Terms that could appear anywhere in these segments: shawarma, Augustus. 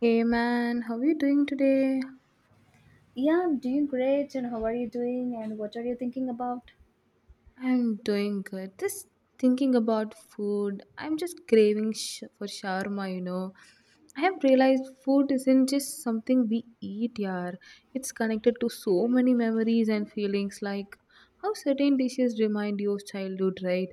Hey man, how are you doing today? Yeah, I'm doing great. And how are you doing? And what are you thinking about? I'm doing good. Just thinking about food, I'm just craving for shawarma, you know. I have realized food isn't just something we eat, yaar. It's connected to so many memories and feelings, like how certain dishes remind you of childhood, right?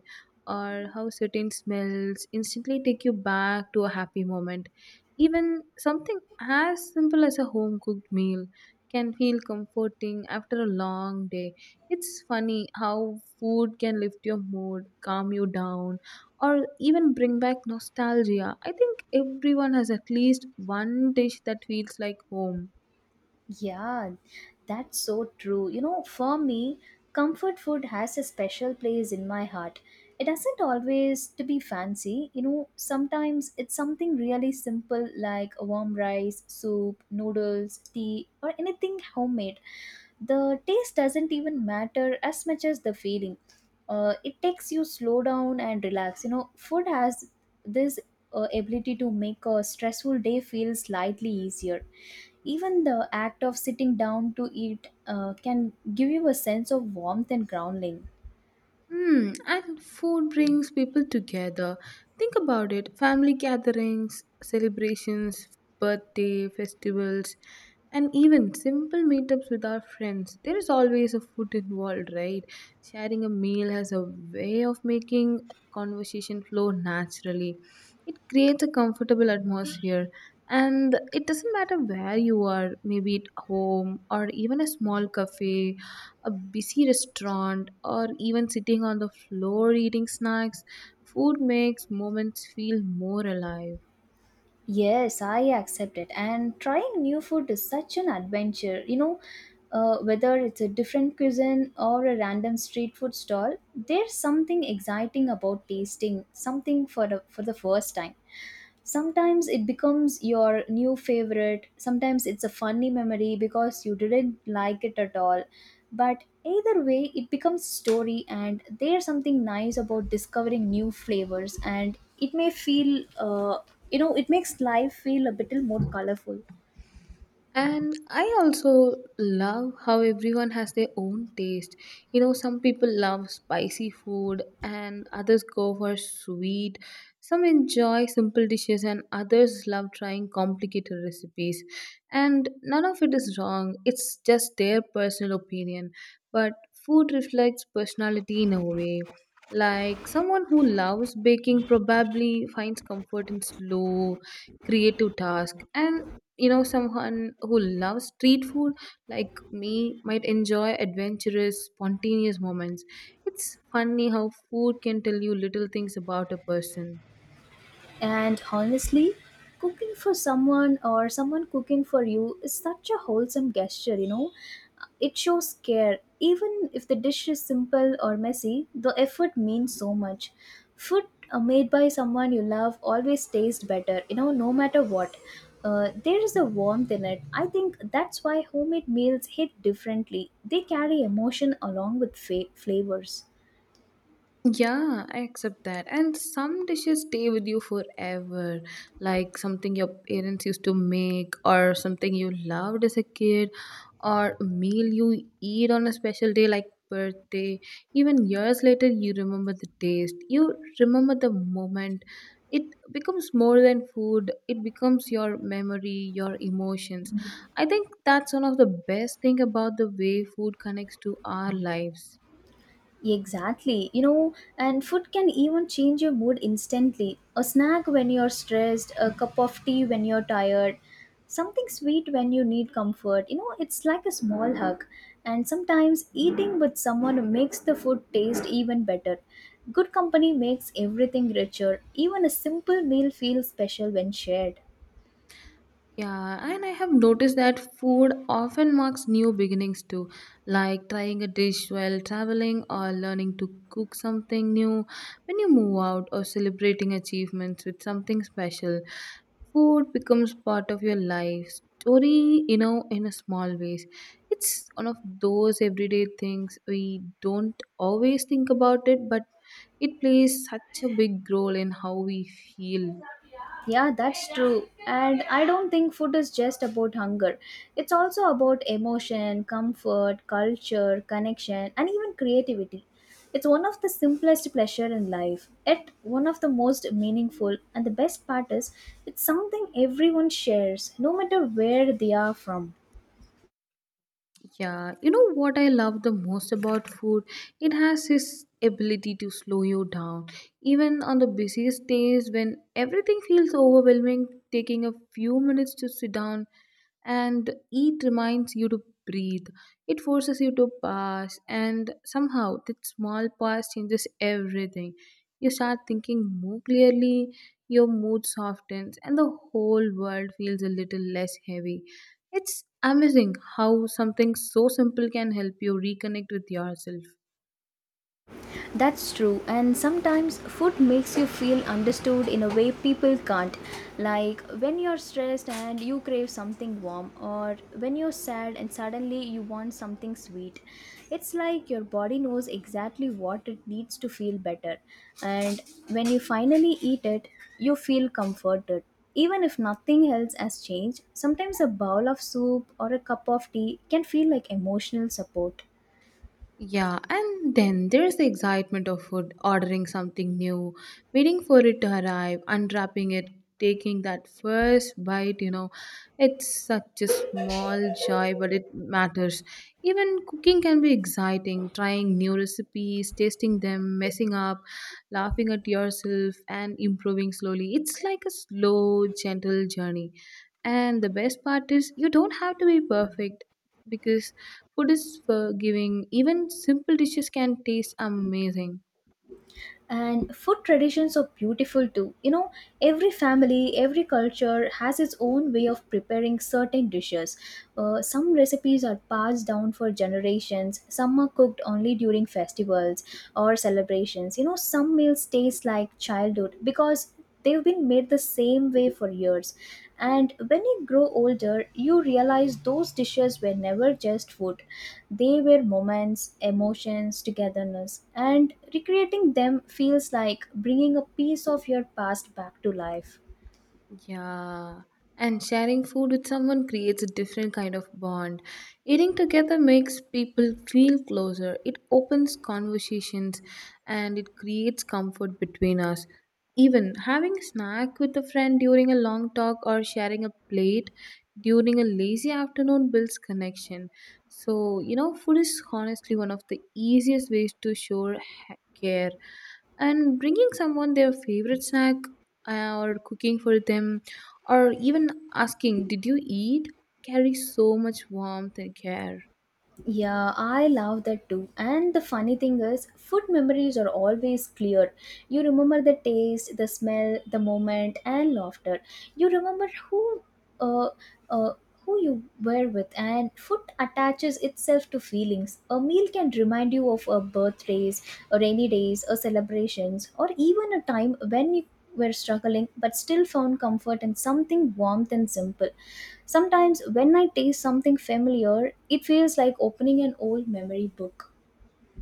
Or how certain smells instantly take you back to a happy moment. Even something as simple as a home cooked meal can feel comforting after a long day. It's funny how food can lift your mood, calm you down, or even bring back nostalgia. I think everyone has at least one dish that feels like home. Yeah, that's so true. You know, for me, comfort food has a special place in my heart. It doesn't always to be fancy. You know, sometimes it's something really simple like a warm rice, soup, noodles, tea, or anything homemade. The taste doesn't even matter as much as the feeling. It takes you slow down and relax. You know, food has this ability to make a stressful day feel slightly easier. Even the act of sitting down to eat can give you a sense of warmth and grounding. Hmm, and food brings people together. Think about it: family gatherings, celebrations, birthday, festivals, and even simple meetups with our friends. There is always a food involved, right? Sharing a meal has a way of making conversation flow naturally. It creates a comfortable atmosphere, and it doesn't matter where you are, maybe at home or even a small cafe, a busy restaurant, or even sitting on the floor eating snacks, food makes moments feel more alive. Yes, I accept it. And trying new food is such an adventure. You know, whether it's a different cuisine or a random street food stall, there's something exciting about tasting something for the first time. Sometimes it becomes your new favorite, sometimes it's a funny memory because you didn't like it at all, but either way it becomes story. And there's something nice about discovering new flavors, and it may feel it makes life feel a little more colorful. And I also love how everyone has their own taste. You know, some people love spicy food and others go for sweet. Some enjoy simple dishes and others love trying complicated recipes. And none of it is wrong, it's just their personal opinion. But food reflects personality in a way. Like someone who loves baking probably finds comfort in slow, creative task, and you know, someone who loves street food like me might enjoy adventurous spontaneous moments. It's funny how food can tell you little things about a person. And honestly, cooking for someone or someone cooking for you is such a wholesome gesture, you know. It shows care. Even if the dish is simple or messy, the effort means so much. Food made by someone you love always tastes better, you know, no matter what. There is a warmth in it. I think that's why homemade meals hit differently. They carry emotion along with flavors. Yeah, I accept that. And some dishes stay with you forever, like something your parents used to make, or something you loved as a kid, or a meal you eat on a special day like birthday. Even years later, you remember the taste, you remember the moment. It becomes more than food, it becomes your memory, your emotions. I think that's one of the best thing about the way food connects to our lives. Exactly. You know, and food can even change your mood instantly. A snack when you're stressed, a cup of tea when you're tired, something sweet when you need comfort. You know, it's like a small hug. And sometimes eating with someone makes the food taste even better. Good company makes everything richer. Even a simple meal feels special when shared. Yeah, and I have noticed that food often marks new beginnings too, like trying a dish while traveling or learning to cook something new when you move out or celebrating achievements with something special. Food becomes part of your life story, you know, in a small ways. It's one of those everyday things we don't always think about it, but it plays such a big role in how we feel. Yeah, that's true. And I don't think food is just about hunger. It's also about emotion, comfort, culture, connection, and even creativity. It's one of the simplest pleasure in life, yet one of the most meaningful. And the best part is, it's something everyone shares, no matter where they are from. Yeah, you know what I love the most about food? It has this ability to slow you down. Even on the busiest days when everything feels overwhelming, taking a few minutes to sit down and eat reminds you to breathe. It forces you to pause, and somehow that small pause changes everything. You start thinking more clearly, your mood softens, and the whole world feels a little less heavy. It's amazing how something so simple can help you reconnect with yourself. That's true, and sometimes food makes you feel understood in a way people can't. Like when you're stressed and you crave something warm, or when you're sad and suddenly you want something sweet. It's like your body knows exactly what it needs to feel better, and when you finally eat it, you feel comforted. Even if nothing else has changed, sometimes a bowl of soup or a cup of tea can feel like emotional support. Yeah, and then there's the excitement of food, ordering something new, waiting for it to arrive, unwrapping it, taking that first bite, you know. It's such a small joy, but it matters. Even cooking can be exciting, trying new recipes, tasting them, messing up, laughing at yourself, and improving slowly. It's like a slow, gentle journey. And the best part is, you don't have to be perfect, because food is forgiving. Even simple dishes can taste amazing. And food traditions are beautiful too, you know. Every family, every culture has its own way of preparing certain dishes. Some recipes are passed down for generations, some are cooked only during festivals or celebrations. You know, some meals taste like childhood because they've been made the same way for years. And when you grow older, you realize those dishes were never just food. They were moments, emotions, togetherness, and recreating them feels like bringing a piece of your past back to life. Yeah, and sharing food with someone creates a different kind of bond. Eating together makes people feel closer, it opens conversations, and it creates comfort between us. Even having a snack with a friend during a long talk or sharing a plate during a lazy afternoon builds connection. So, you know, food is honestly one of the easiest ways to show care. And bringing someone their favorite snack, or cooking for them, or even asking, did you eat, carries so much warmth and care. Yeah, I love that too. And the funny thing is, food memories are always clear. You remember the taste, the smell, the moment, and laughter. You remember uh, uh, who you were with, and food attaches itself to feelings. A meal can remind you of a birthdays, a rainy days, a celebrations, or even a time when you were struggling but still found comfort in something warmth and simple. Sometimes, when I taste something familiar, it feels like opening an old memory book.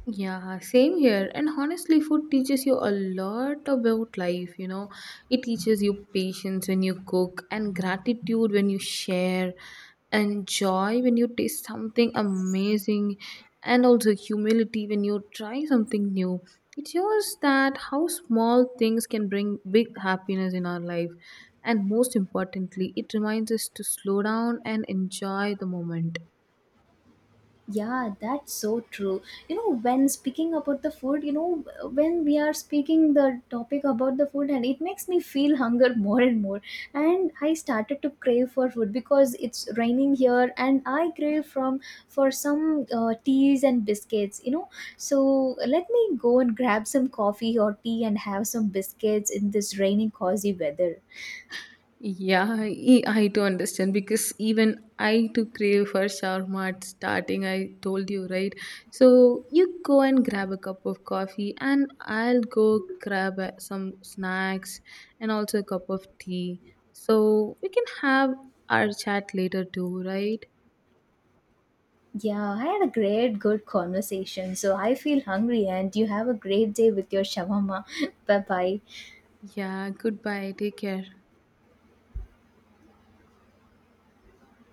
Yeah, same here. And honestly, food teaches you a lot about life, you know. It teaches you patience when you cook, and gratitude when you share, and joy when you taste something amazing, and also humility when you try something new. It shows that how small things can bring big happiness in our life. And most importantly, it reminds us to slow down and enjoy the moment. Yeah, that's so true. You know, when speaking about the food, you know, when we are speaking the topic about the food, and it makes me feel hunger more and more. And I started to crave for food because it's raining here, and I crave from for some teas and biscuits. You know, so let me go and grab some coffee or tea and have some biscuits in this rainy, cozy weather. Yeah, I do understand because even I too crave for shawarma at starting. I told you, right? So you go and grab a cup of coffee, and I'll go grab some snacks and also a cup of tea. So we can have our chat later too, right? Yeah, I had a great, good conversation. So I feel hungry, and you have a great day with your shawarma. Bye bye. Yeah, goodbye. Take care.